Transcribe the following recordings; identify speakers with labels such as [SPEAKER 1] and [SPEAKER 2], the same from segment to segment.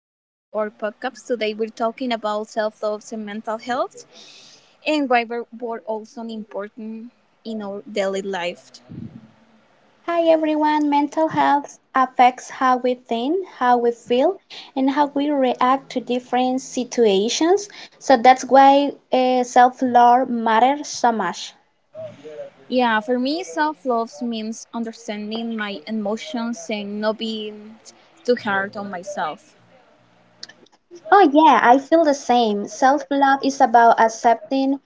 [SPEAKER 1] back to our podcast. Today, we're talking about self love and mental health and why we're both are also important in our daily life.
[SPEAKER 2] Hi everyone, mental health affects how we think, how we feel, and how we react to different situations. So that's why self love matters so much.
[SPEAKER 1] Yeah, for me, self love means understanding my emotions and not being too hard on myself.
[SPEAKER 2] Oh, yeah, I feel the same. Self love is about accepting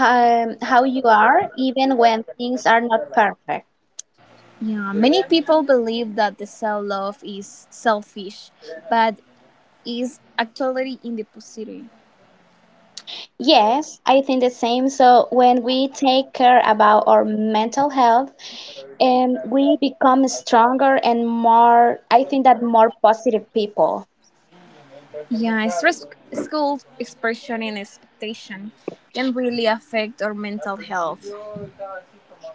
[SPEAKER 2] how you are, even when things are not perfect.
[SPEAKER 1] Yeah, many people believe that the self love is selfish, but is actually in the positive.
[SPEAKER 2] Yes, I think the same. So when we take care about our mental health, and we become stronger and more I think that more positive people.
[SPEAKER 1] Yeah, stress, school, expression and expectation can really affect our mental health.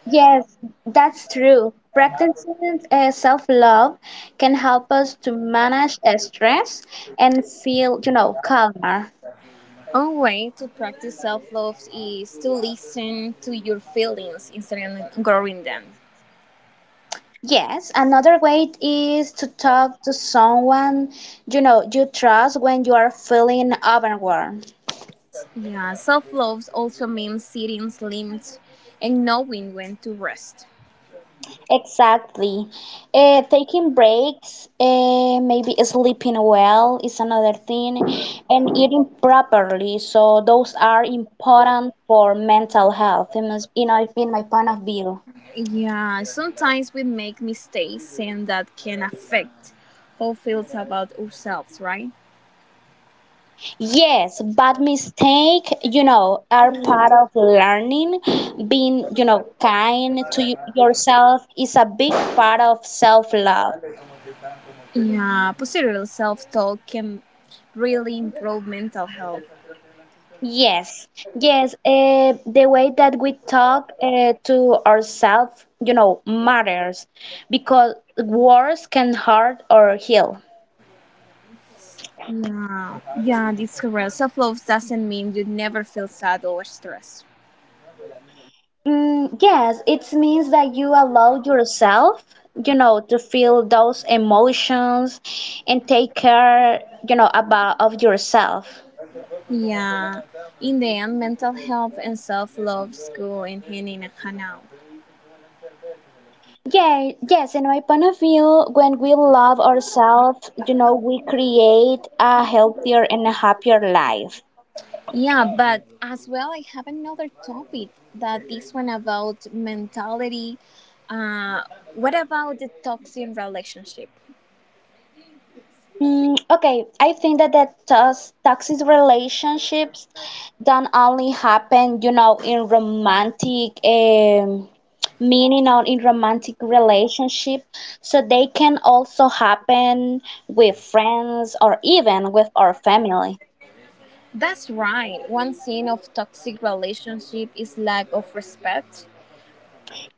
[SPEAKER 2] Yes, that's true. Practicing self-love can help us to manage stress and feel calmer.
[SPEAKER 1] One way to practice self love is to listen to your feelings instead of ignoring them.
[SPEAKER 2] Yes, another way is to talk to someone you trust when you are feeling overwhelmed.
[SPEAKER 1] Yeah, self love also means setting limits and knowing when to rest.
[SPEAKER 2] Exactly. Taking breaks, maybe sleeping well is another thing, and eating properly. So those are important for mental health, in my point of view.
[SPEAKER 1] Yeah, sometimes we make mistakes and that can affect how feels about ourselves, right?
[SPEAKER 2] Yes, but mistake are part of learning. Being kind to yourself is a big part of self-love.
[SPEAKER 1] Yeah, positive self talk can really improve mental health.
[SPEAKER 2] Yes, yes. The way that we talk to ourselves matters because words can hurt or heal.
[SPEAKER 1] Yeah, yeah, that's correct. Self love doesn't mean you never feel sad or stressed.
[SPEAKER 2] Yes, it means that you allow yourself to feel those emotions and take care about of yourself.
[SPEAKER 1] Yeah, in the end, mental health and self love go in hand now.
[SPEAKER 2] Yeah, yes, in my point of view, when we love ourselves we create a healthier and a happier life.
[SPEAKER 1] Yeah, but as well, I have another topic that this one about mentality. Uh, what about the toxic relationship?
[SPEAKER 2] Okay, I think that toxic relationships don't only happen in romantic meaning or in romantic relationship. So they can also happen with friends or even with our family.
[SPEAKER 1] That's right. One sin of toxic relationship is lack of respect.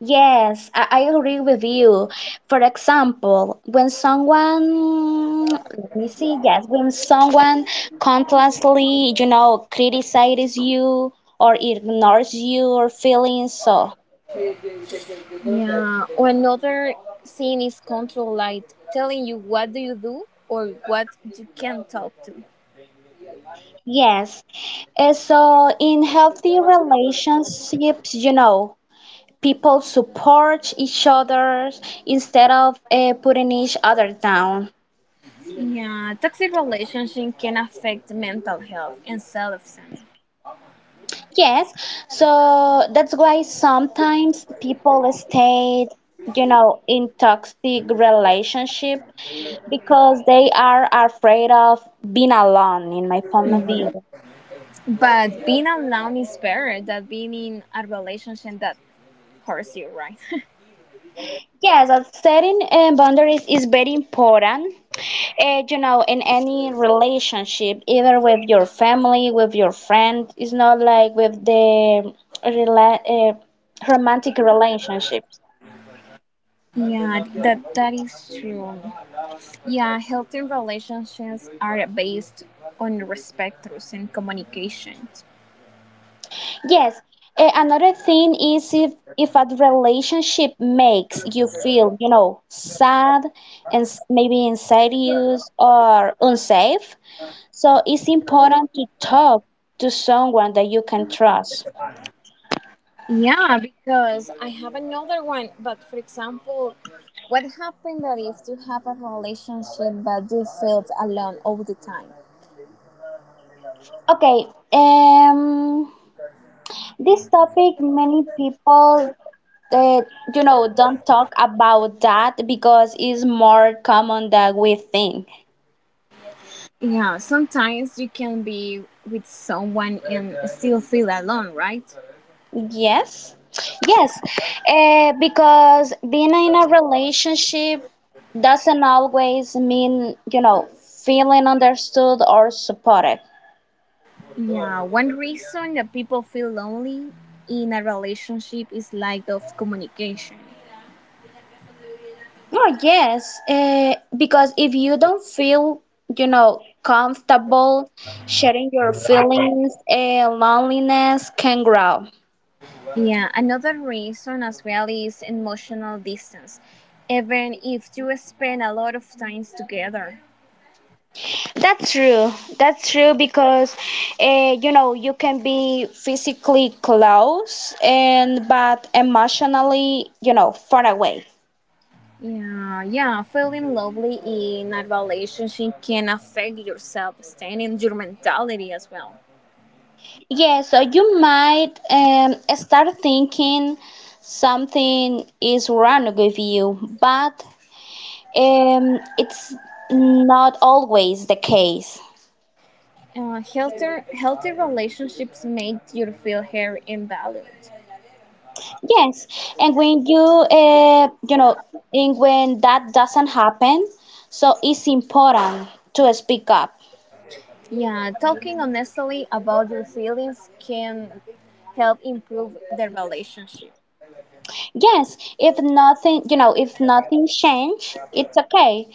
[SPEAKER 2] Yes, I agree with you. For example, when someone, let me see, yes, when someone constantly criticizes you or ignores your feelings, so
[SPEAKER 1] Yeah, or another thing is control light, telling you what do you do or what you can talk to.
[SPEAKER 2] yes. So in healthy relationships people support each other instead of putting each other down.
[SPEAKER 1] Yeah, toxic relationship can affect mental health and self-esteem.
[SPEAKER 2] Yes, so that's why sometimes people stay in toxic relationship because they are afraid of being alone, in my point of view.
[SPEAKER 1] Yeah. But being alone is better than being in a relationship that hurts you, right?
[SPEAKER 2] Yes, setting boundaries is very important, in any relationship, either with your family, with your friend. It's not like with the rela- uh, romantic relationships.
[SPEAKER 1] Yeah, that is true. Yeah, healthy relationships are based on respect, trust, and communication.
[SPEAKER 2] Yes, another thing is if a relationship makes you feel sad and maybe anxious or unsafe, so it's important to talk to someone that you can trust.
[SPEAKER 1] Yeah, because I have another one. But for example, what happened that if you have a relationship but you felt alone all the time?
[SPEAKER 2] Okay, um, this topic many people uh, don't talk about that because it's more common than we think.
[SPEAKER 1] Yeah, sometimes you can be with someone and still feel alone, right?
[SPEAKER 2] Yes, yes, because being in a relationship doesn't always mean feeling understood or supported.
[SPEAKER 1] Yeah, one reason that people feel lonely in a relationship is lack of communication.
[SPEAKER 2] Oh, yes, because if you don't feel comfortable sharing your feelings, loneliness can grow.
[SPEAKER 1] Yeah, another reason as well is emotional distance, even if you spend a lot of times together.
[SPEAKER 2] That's true. That's true because you can be physically close and but emotionally far away.
[SPEAKER 1] Yeah, yeah, feeling lovely in a relationship can affect your self esteem and your mentality as well.
[SPEAKER 2] Yeah, so you might start thinking something is wrong with you, but it's not always the case.
[SPEAKER 1] Healthy relationships make you feel heard and valued.
[SPEAKER 2] Yes, and when you you know, and when that doesn't happen, so it's important to speak up.
[SPEAKER 1] Yeah, talking honestly about your feelings can help improve the relationship.
[SPEAKER 2] Yes, if nothing change, it's okay.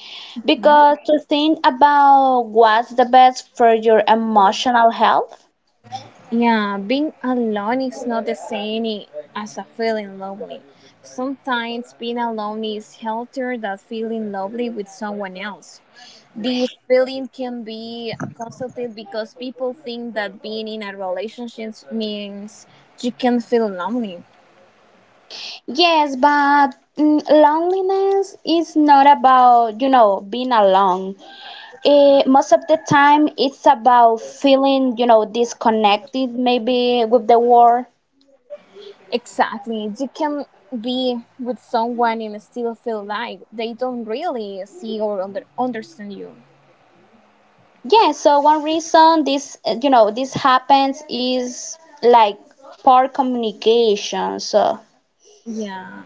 [SPEAKER 2] Because to think about what's the best for your emotional health.
[SPEAKER 1] Yeah, being alone is not the same as a feeling lonely. Sometimes being alone is healthier than feeling lonely with someone else. This feeling can be consulted because people think that being in a relationship means you can feel lonely.
[SPEAKER 2] Yes, but loneliness is not about being alone. Most of the time, it's about feeling disconnected maybe with the world.
[SPEAKER 1] Exactly. You can be with someone and still feel like they don't really see or understand you.
[SPEAKER 2] Yeah, so one reason this happens is like poor communication. So.
[SPEAKER 1] Yeah.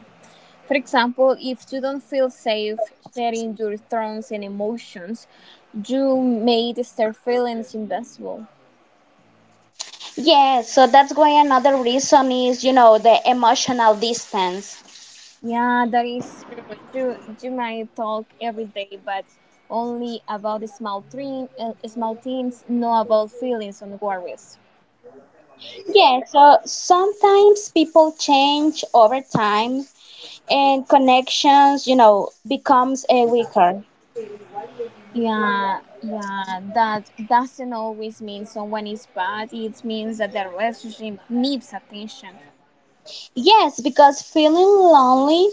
[SPEAKER 1] For example, if you don't feel safe sharing your thoughts and emotions, you may start feeling invisible.
[SPEAKER 2] Yes, so that's why another reason is the emotional distance.
[SPEAKER 1] Yeah, that is true. You might talk every day, but only about the small things, not about feelings and worries.
[SPEAKER 2] Yeah, so sometimes people change over time and connections becomes weaker.
[SPEAKER 1] Yeah, yeah, that doesn't always mean someone is bad. It means that the relationship needs attention.
[SPEAKER 2] Yes, because feeling lonely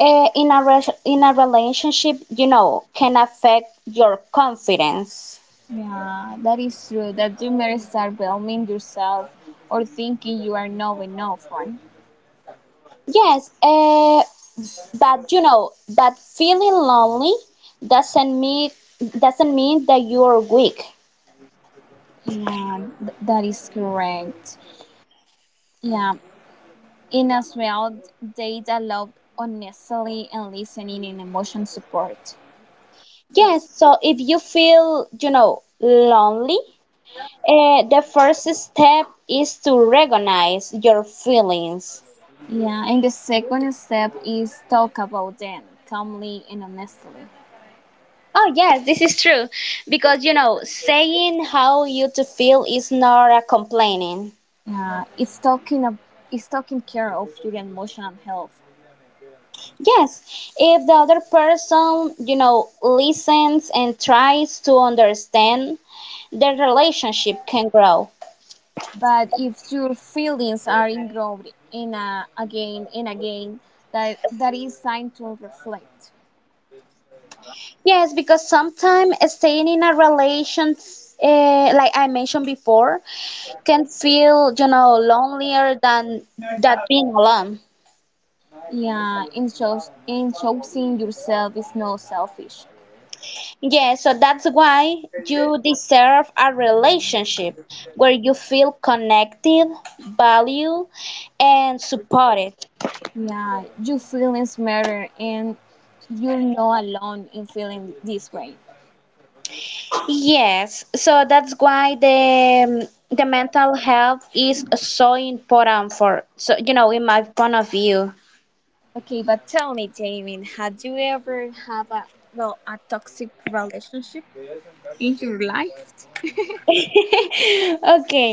[SPEAKER 2] in a relationship can affect your confidence.
[SPEAKER 1] Yeah, that is true. That you may start blaming yourself or thinking you are not enough one.
[SPEAKER 2] Yes, but feeling lonely doesn't mean doesn't mean that you are weak.
[SPEAKER 1] Yeah, that is correct. Yeah, in as well, they allowed honestly and listening and emotion support.
[SPEAKER 2] Yes, so if you feel lonely, the first step is to recognize your feelings.
[SPEAKER 1] Yeah, and the second step is talk about them calmly and honestly.
[SPEAKER 2] Oh, yes, this is true. Because saying how you to feel is not a complaining.
[SPEAKER 1] Yeah, it's taking care of your emotional health.
[SPEAKER 2] Yes, if the other person listens and tries to understand, their relationship can grow.
[SPEAKER 1] But if your feelings are involved in a again and again, that is time to reflect.
[SPEAKER 2] Yes, because sometimes staying in a relation, like I mentioned before, can feel lonelier than that being alone.
[SPEAKER 1] Yeah, and shows and choosing yourself is not selfish.
[SPEAKER 2] Yeah. So that's why you deserve a relationship where you feel connected, valued, and supported.
[SPEAKER 1] Yeah, your feelings matter, and you're not alone in feeling this way.
[SPEAKER 2] Yes. So that's why the mental health is so important for, so, you know, in my point of view.
[SPEAKER 1] Okay, but tell me, Damien, had you ever have a well a toxic relationship in your life?
[SPEAKER 2] Okay,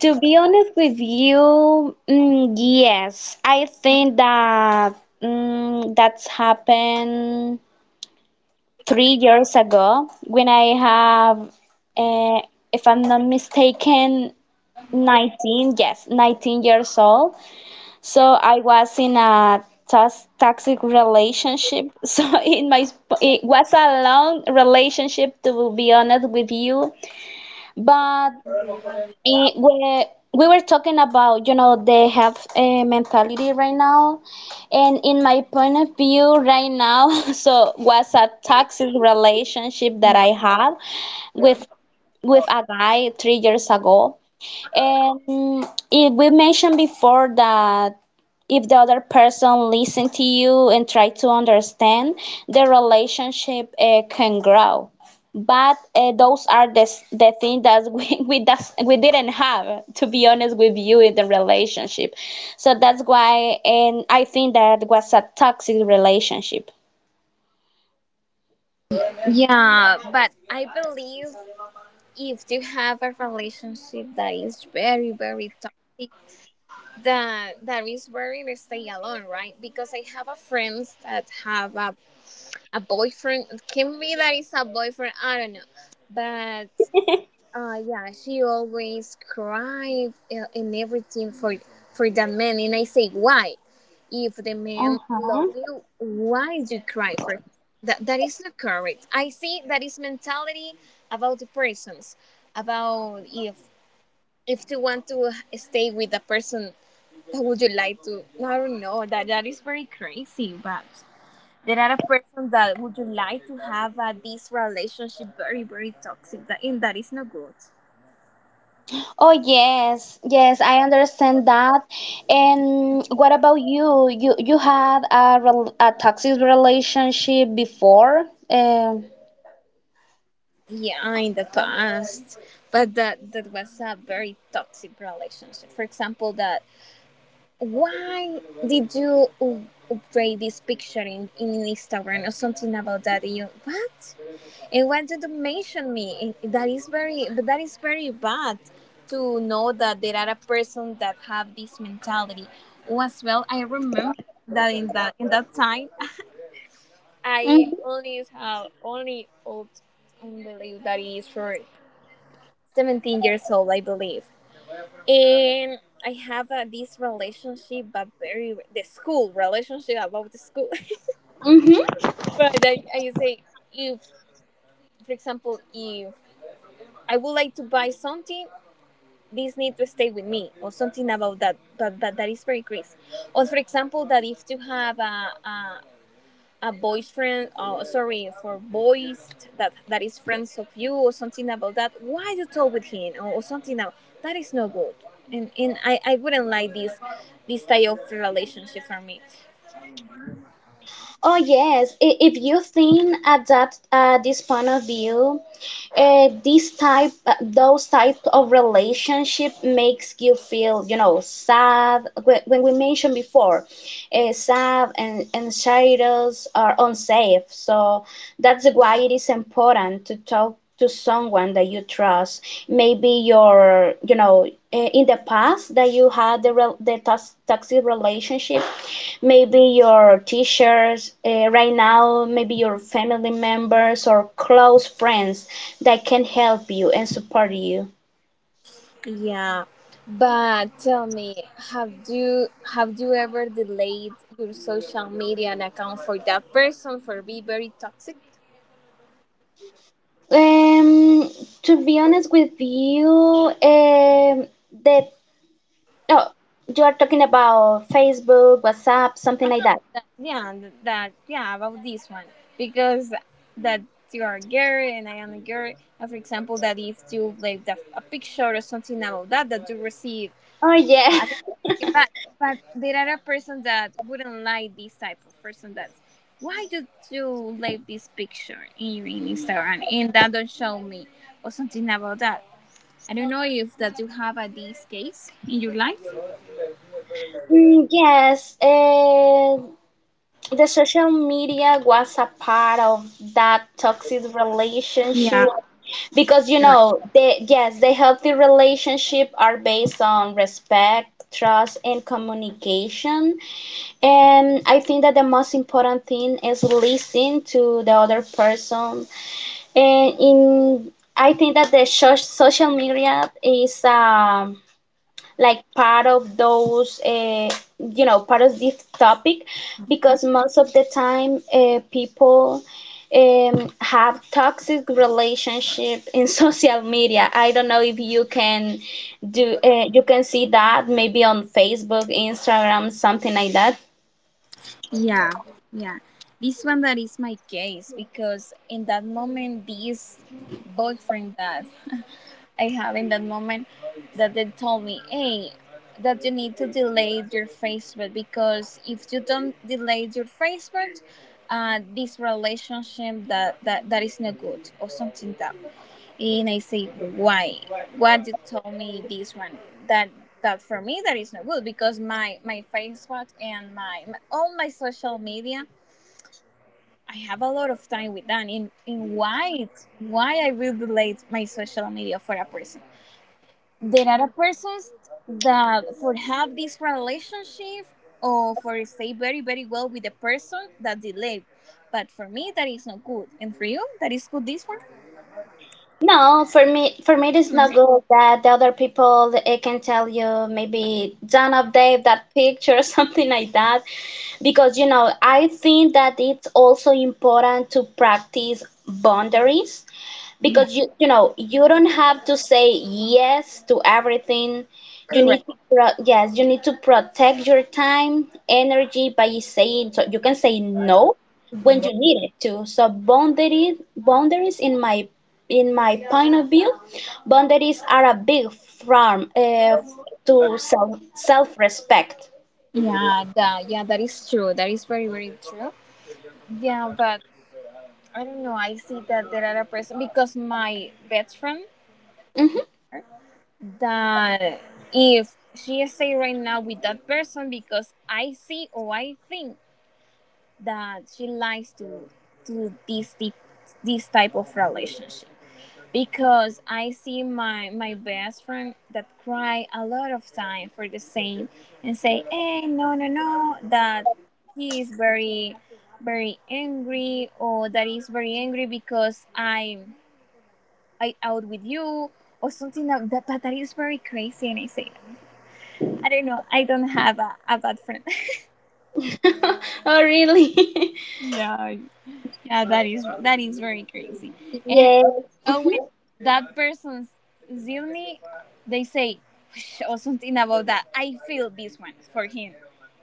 [SPEAKER 2] to be honest with you, yes, I think that that's happened 3 years ago when I have, uh, if I'm not mistaken, 19, yes, 19 years old. So I was in a toxic relationship. So it was a long relationship, to be honest with you, but. Eh, we, we were talking about the health mentality right now and in my point of view right now. So was a toxic relationship that I had with with a guy 3 years ago, and if we mentioned before that if the other person listen to you and try to understand, the relationship can grow. But those are the things that we we didn't have, to be honest with you, in the relationship. So that's why, and I think that was a toxic relationship.
[SPEAKER 1] Yeah, but I believe if you have a relationship that is very very toxic that is very to stay alone, right? Because I have a friends that have a boyfriend. It can be that it's a boyfriend, I don't know, but yeah, she always cried, and everything for that man. And I say, why? If the man love
[SPEAKER 2] Uh-huh.
[SPEAKER 1] you, why do you cry for him? That is not correct. I see that is mentality about the persons, about if you want to stay with a person that would you like to. I don't know. That is very crazy, but. There are a person that would you like to have this relationship very very toxic, that, and that is not good.
[SPEAKER 2] Oh, yes, yes, I understand that. And what about you? You had a toxic relationship before?
[SPEAKER 1] Yeah, in the past, but that was a very toxic relationship, for example, that why did you upgrade this picture in Instagram or something about that, and you what, and why did you mention me? And that is very, but that is very bad to know that there are a person that have this mentality. Oh, as well I remember that in that time I only have only old, I believe that is for 17 years old, I believe. And I have this relationship, but very the school relationship about the school.
[SPEAKER 2] Mm-hmm.
[SPEAKER 1] But I say, if, for example, if I would like to buy something, this need to stay with me or something about that. But that is very crazy. Or for example, that if you have a boyfriend, sorry for boys that is friends of you or something about that, why you talk with him, or something about that, is no good. And I wouldn't like this type of relationship for me.
[SPEAKER 2] Oh, yes, if you think at that this point of view, those type of relationship makes you feel sad. When we mentioned before, sad and shadows are unsafe. So that's why it is important to talk to someone that you trust. Maybe in the past that you had the toxic relationship, maybe your teachers right now, maybe your family members or close friends that can help you and support you.
[SPEAKER 1] Yeah, but tell me, have you have you ever delayed your social media and account for that person for be very toxic,
[SPEAKER 2] Um, to be honest with you, that oh, you are talking about Facebook, WhatsApp, something like that.
[SPEAKER 1] that, yeah, that, yeah, about this one, because that you are a girl and I am a girl. And for example, that if you like a picture or something about that you receive,
[SPEAKER 2] Oh, yeah.
[SPEAKER 1] uh, but but there are a person that wouldn't like this type of person. That's why did you like this picture in Instagram and that don't show me or something about that. I don't know if that you have a this case in your life.
[SPEAKER 2] Mm, yes. The social media was a part of that toxic relationship
[SPEAKER 1] Yeah, it's
[SPEAKER 2] because
[SPEAKER 1] correct.
[SPEAKER 2] they yes, the healthy relationship are based on respect, trust, and communication, and I think that the most important thing is listen to the other person. And in I think that the social media is like part of those you know part of this topic because most of the time people have toxic relationship in social media. I don't know if you can do you can see that maybe on Facebook, Instagram, something like that.
[SPEAKER 1] Yeah, yeah. This one that is my case, because in that moment, this boyfriend that I had in that moment, that they told me, hey, that you need to delete your Facebook, because if you don't delete your Facebook, this relationship that is not good or something like that. And I say, why? What you told me this one? That that for me that is not good, because my Facebook and my all my social media, I have a lot of time with that. Why I will delete my social media for a person? There are persons that for have this relationship or for stay very very well with the person that delay. But for me, that is not good. And for you, that is good. This one,
[SPEAKER 2] No, for me, it is not
[SPEAKER 1] mhm,
[SPEAKER 2] good that the other people it can tell you, maybe don't update that picture or something like that, because I think that it's also important to practice boundaries, because you don't have to say yes to everything. You need
[SPEAKER 1] correct.
[SPEAKER 2] to protect your time, energy, by saying so you can say no when you need it to. So boundaries, in my point of view, boundaries are a big farm to self respect.
[SPEAKER 1] Yeah, that, yeah, that is true. That is very, very true. Yeah, but I don't know. I see that there are a person, because my best friend
[SPEAKER 2] Hmm.
[SPEAKER 1] that if she stay right now with that person, because I see or I think that she likes to this deep, this type of relationship. Because I see my best friend that cry a lot of time for the same and say, "Hey, no, no, no," that he is very, very angry or that is very angry, because I out with you or something like that. But that is very crazy, and I say, I don't know, I don't have a bad friend.
[SPEAKER 2] Oh, really?
[SPEAKER 1] Yeah, yeah, that is very crazy. And
[SPEAKER 2] Yes.
[SPEAKER 1] well, when that person sees me, they say, "Whoosh," or something about that. I feel this one for him,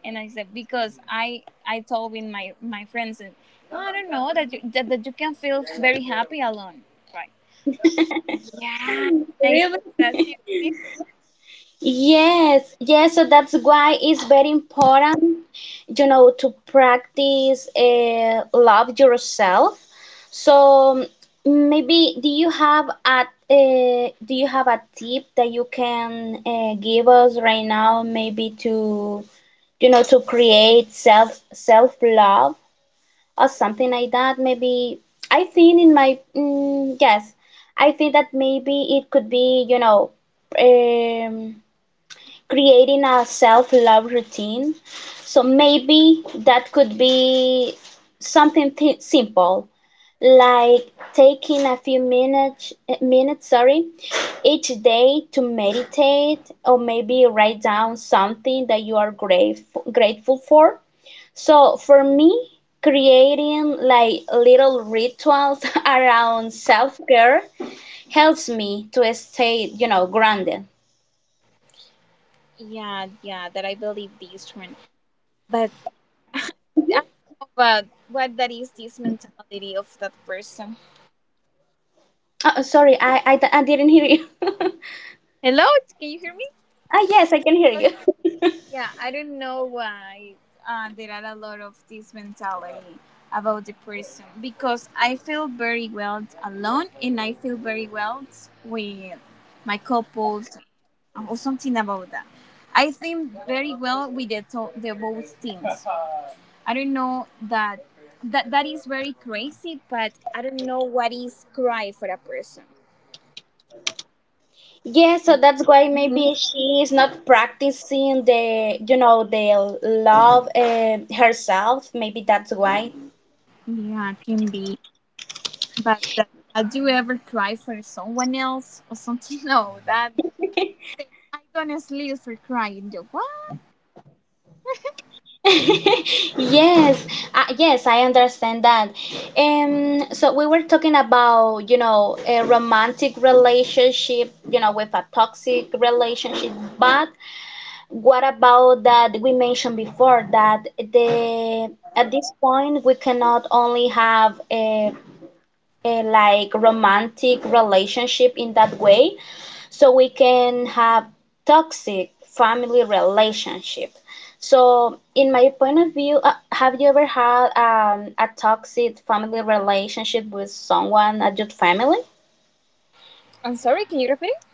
[SPEAKER 1] and I said, because I told with my friends, and, "Oh, I don't know that you can feel very happy alone, right? Yeah,
[SPEAKER 2] Hmm.
[SPEAKER 1] I see
[SPEAKER 2] Really.
[SPEAKER 1] that.
[SPEAKER 2] Yes, yes, so that's why it's very important to practice love yourself. So maybe do you have a do you have a tip that you can give us right now, maybe to you know to create self love or something like that? Maybe I think in my mm, yes, I think that maybe it could be. Um, Creating a self-love routine. So maybe that could be something simple, like taking a few minutes, each day to meditate or maybe write down something that you are grateful for. So for me, creating like little rituals around self-care helps me to stay grounded.
[SPEAKER 1] Yeah, yeah, that I believe this one, but I don't know about what that is this mentality of that person.
[SPEAKER 2] Sorry, I didn't hear you. Ah,
[SPEAKER 1] Hello, can you hear me?
[SPEAKER 2] yes, I can hear you.
[SPEAKER 1] Yeah, I don't know why, there are a lot of this mentality about the person, because I feel very well alone and I feel very well with my couples, or something about that. I think very well with the both things. I don't know that, that is very crazy, but I don't know what is cry for a person.
[SPEAKER 2] Yes, so that's why
[SPEAKER 1] Mhm.
[SPEAKER 2] maybe she is not practicing the love herself. Maybe that's why.
[SPEAKER 1] Yeah, it can be. But that, had you ever cried for someone else or something? No, that I think I don't sleep for crying. You what?
[SPEAKER 2] Yes, yes, I understand that. So we were talking about a romantic relationship with a toxic relationship, but what about that we mentioned before that the at this point we cannot only have a like romantic relationship in that way, so we can have toxic family relationship. So, in my point of view, have you ever had a toxic family relationship with someone at your family?
[SPEAKER 1] I'm sorry, can you repeat it?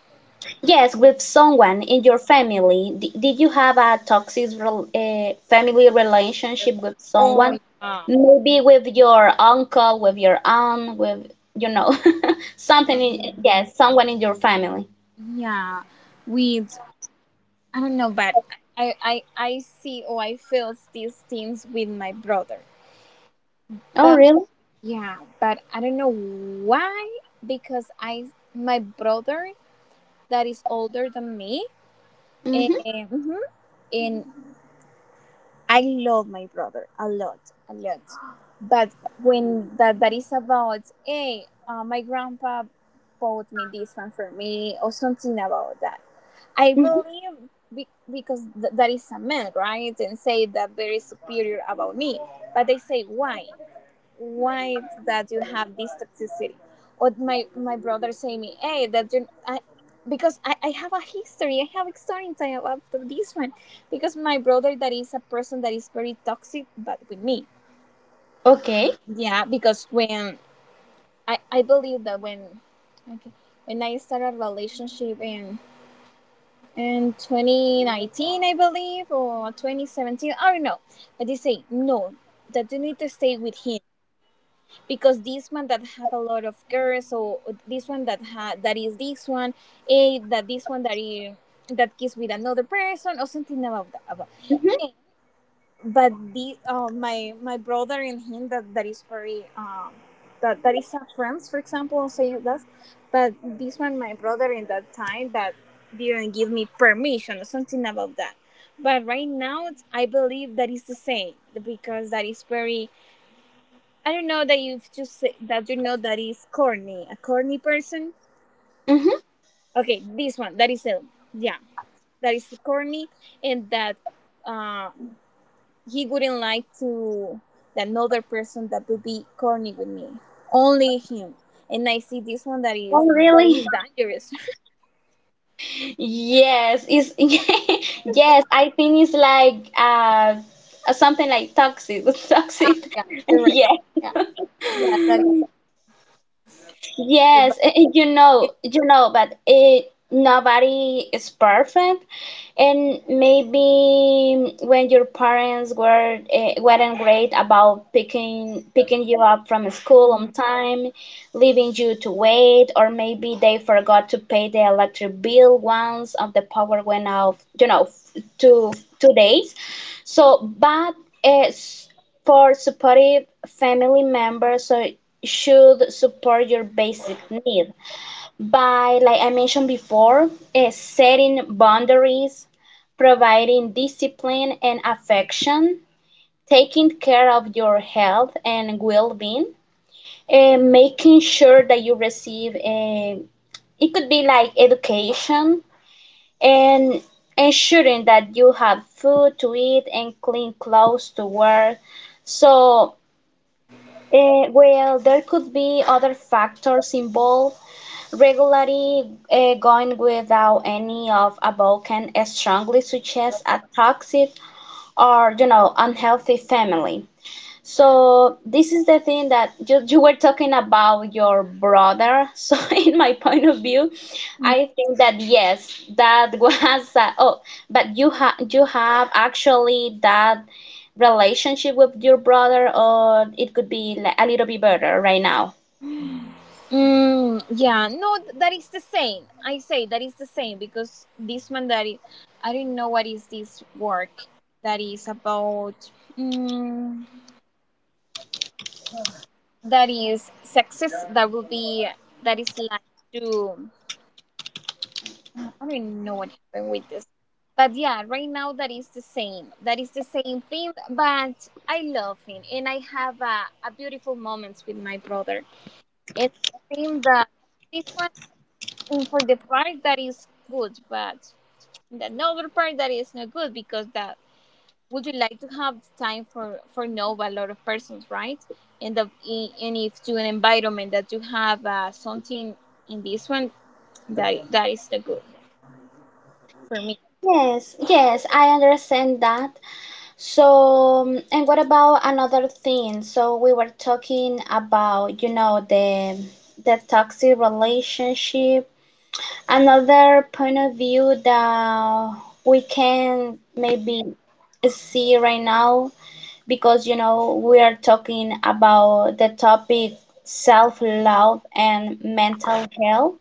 [SPEAKER 2] Yes, with someone in your family. D Did you have a toxic rel family relationship with
[SPEAKER 1] Oh
[SPEAKER 2] someone?
[SPEAKER 1] yeah,
[SPEAKER 2] Maybe with your uncle, with your aunt, with someone in your family.
[SPEAKER 1] yeah. With I don't know, but I see or I feel these things with my brother.
[SPEAKER 2] Oh,
[SPEAKER 1] But
[SPEAKER 2] really?
[SPEAKER 1] yeah, but I don't know why, because I my brother that is older than me.
[SPEAKER 2] Mm-hmm.
[SPEAKER 1] And, mhm, and I love my brother a lot, a lot. But when that is about, hey, my grandpa bought me this one for me, or something about that. I
[SPEAKER 2] Mm-hmm.
[SPEAKER 1] believe that is a man, right? And say that very superior about me. But they say why? Why that you have this toxicity? Or my brother say me, hey, that you, because I have a history, I have experience, I have after this one because my brother that is a person that is very toxic, but with me,
[SPEAKER 2] Okay.
[SPEAKER 1] yeah, because when I believe that when, okay, when I started a relationship in 2019, I believe, or 2017, I don't know. But they say no, that you need to stay with him because this one that have a lot of girls, or this one that that is this one, that this one that is that kiss with another person or something about that about.
[SPEAKER 2] Mm-hmm.
[SPEAKER 1] But the my brother and him, that is very, that is a friends, for example, I'll say that. But this one, my brother in that time that didn't give me permission or something about that. But right now it's, I believe that is the same because that is very, I don't know, that you've just said that you know, that is corny, a corny person.
[SPEAKER 2] Mm-hmm.
[SPEAKER 1] Okay, this one that is a, yeah, that is corny, and that uh, he wouldn't like to that another person that would be corny with me, only him. And I see this one
[SPEAKER 2] Oh,
[SPEAKER 1] that
[SPEAKER 2] really?
[SPEAKER 1] is dangerous.
[SPEAKER 2] Yes, it's yes, I think it's like something like toxic,
[SPEAKER 1] Ah,
[SPEAKER 2] toxic.
[SPEAKER 1] yeah, you're right.
[SPEAKER 2] Yes.
[SPEAKER 1] Yeah, yeah, that is true. But
[SPEAKER 2] Yes,
[SPEAKER 1] it,
[SPEAKER 2] but it nobody is perfect, and maybe when your parents weren't great about picking you up from school on time, leaving you to wait, or maybe they forgot to pay the electric bill once and the power went off two days. So, but. uh, for supportive family members, so should support your basic need by, like I mentioned before, setting boundaries, providing discipline and affection, taking care of your health and well-being, and making sure that you receive a it could be like education and ensuring that you have food to eat and clean clothes to wear, so. Well, there could be other factors involved. Regularly going without any of above can strongly suggest a toxic or unhealthy family. So this is the thing that you were talking about your brother. So in my point of view, I think that yes, that was oh, but you have actually that relationship with your brother, or it could be a little bit better right now?
[SPEAKER 1] mm, yeah, no, that is the same. I say that is the same because this one that is, I don't know what is this work that is about. Mm, that is sexist. That will be, that is like to, I don't know what happened with this, but yeah, right now that is the same. That is the same thing. But I love him, and I have a beautiful moments with my brother, and I think that this one, and for the part that is good, but the novel part that is not good because that would you like to have the time for know a lot of persons, right? And if to an environment that you have something in this one that that is the good for me.
[SPEAKER 2] Yes, yes, I understand that. So, and what about another thing? So we were talking about the toxic relationship. Another point of view that we can maybe see right now, because we are talking about the topic self-love and mental health.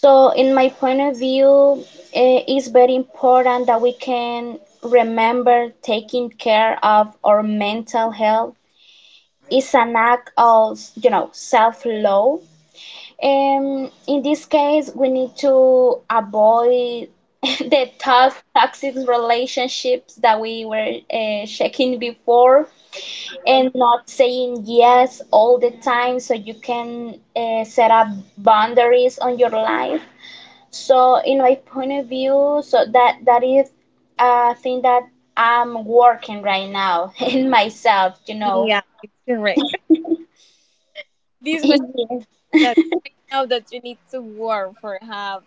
[SPEAKER 2] So, in my point of view, it's very important that we can remember taking care of our mental health. It's an act of self-love. In this case, we need to avoid the toxic relationships that we were checking before and not saying yes all the time, so you can set up boundaries on your life. So, in my point of view, so that is a thing that I'm working right now in myself.
[SPEAKER 1] Yeah, it's correct. This one
[SPEAKER 2] Yes.
[SPEAKER 1] that right now that you need to work for have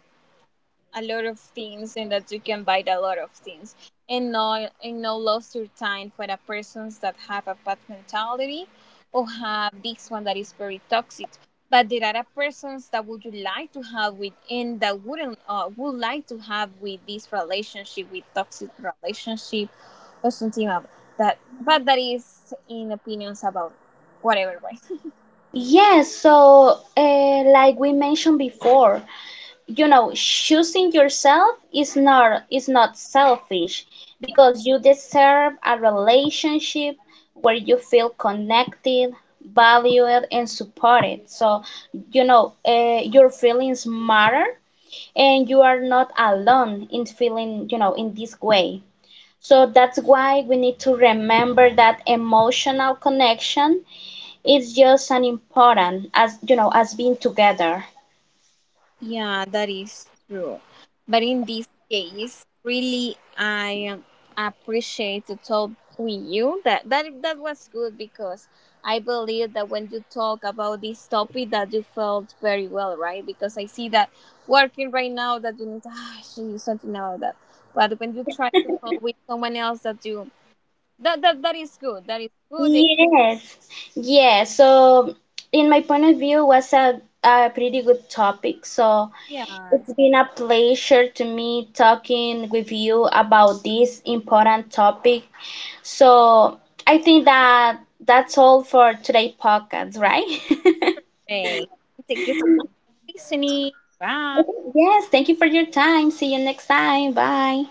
[SPEAKER 1] a lot of things and that you can buy a lot of things, and no, and no lost your time for the persons that have a bad mentality or have this one that is very toxic. But there are persons that would you like to have with, and that wouldn't would like to have with this relationship, with toxic relationship or something of that. But that is in opinions about whatever way.
[SPEAKER 2] Yes, so like we mentioned before, choosing yourself is not selfish, because you deserve a relationship where you feel connected, valued, and supported, so your feelings matter and you are not alone in feeling in this way, so that's why we need to remember that emotional connection is just as important as as being together.
[SPEAKER 1] Yeah, that is true. But in this case, really, I appreciate to talk with you. That was good because I believe that when you talk about this topic, that you felt very well, right? Because I see that working right now, that you need to ah, I should do something about that. But when you try to talk with someone else, that you that is good. That is good.
[SPEAKER 2] Yes, yes. So, in my point of view, was a pretty good topic. So,
[SPEAKER 1] Yeah,
[SPEAKER 2] it's
[SPEAKER 1] it's
[SPEAKER 2] been a pleasure to me talking with you about this important topic. So, I think that that's all for today podcast, right?
[SPEAKER 1] great. Thank you for listening. Bye.
[SPEAKER 2] Okay, yes, thank you for your time. See you next time. Bye.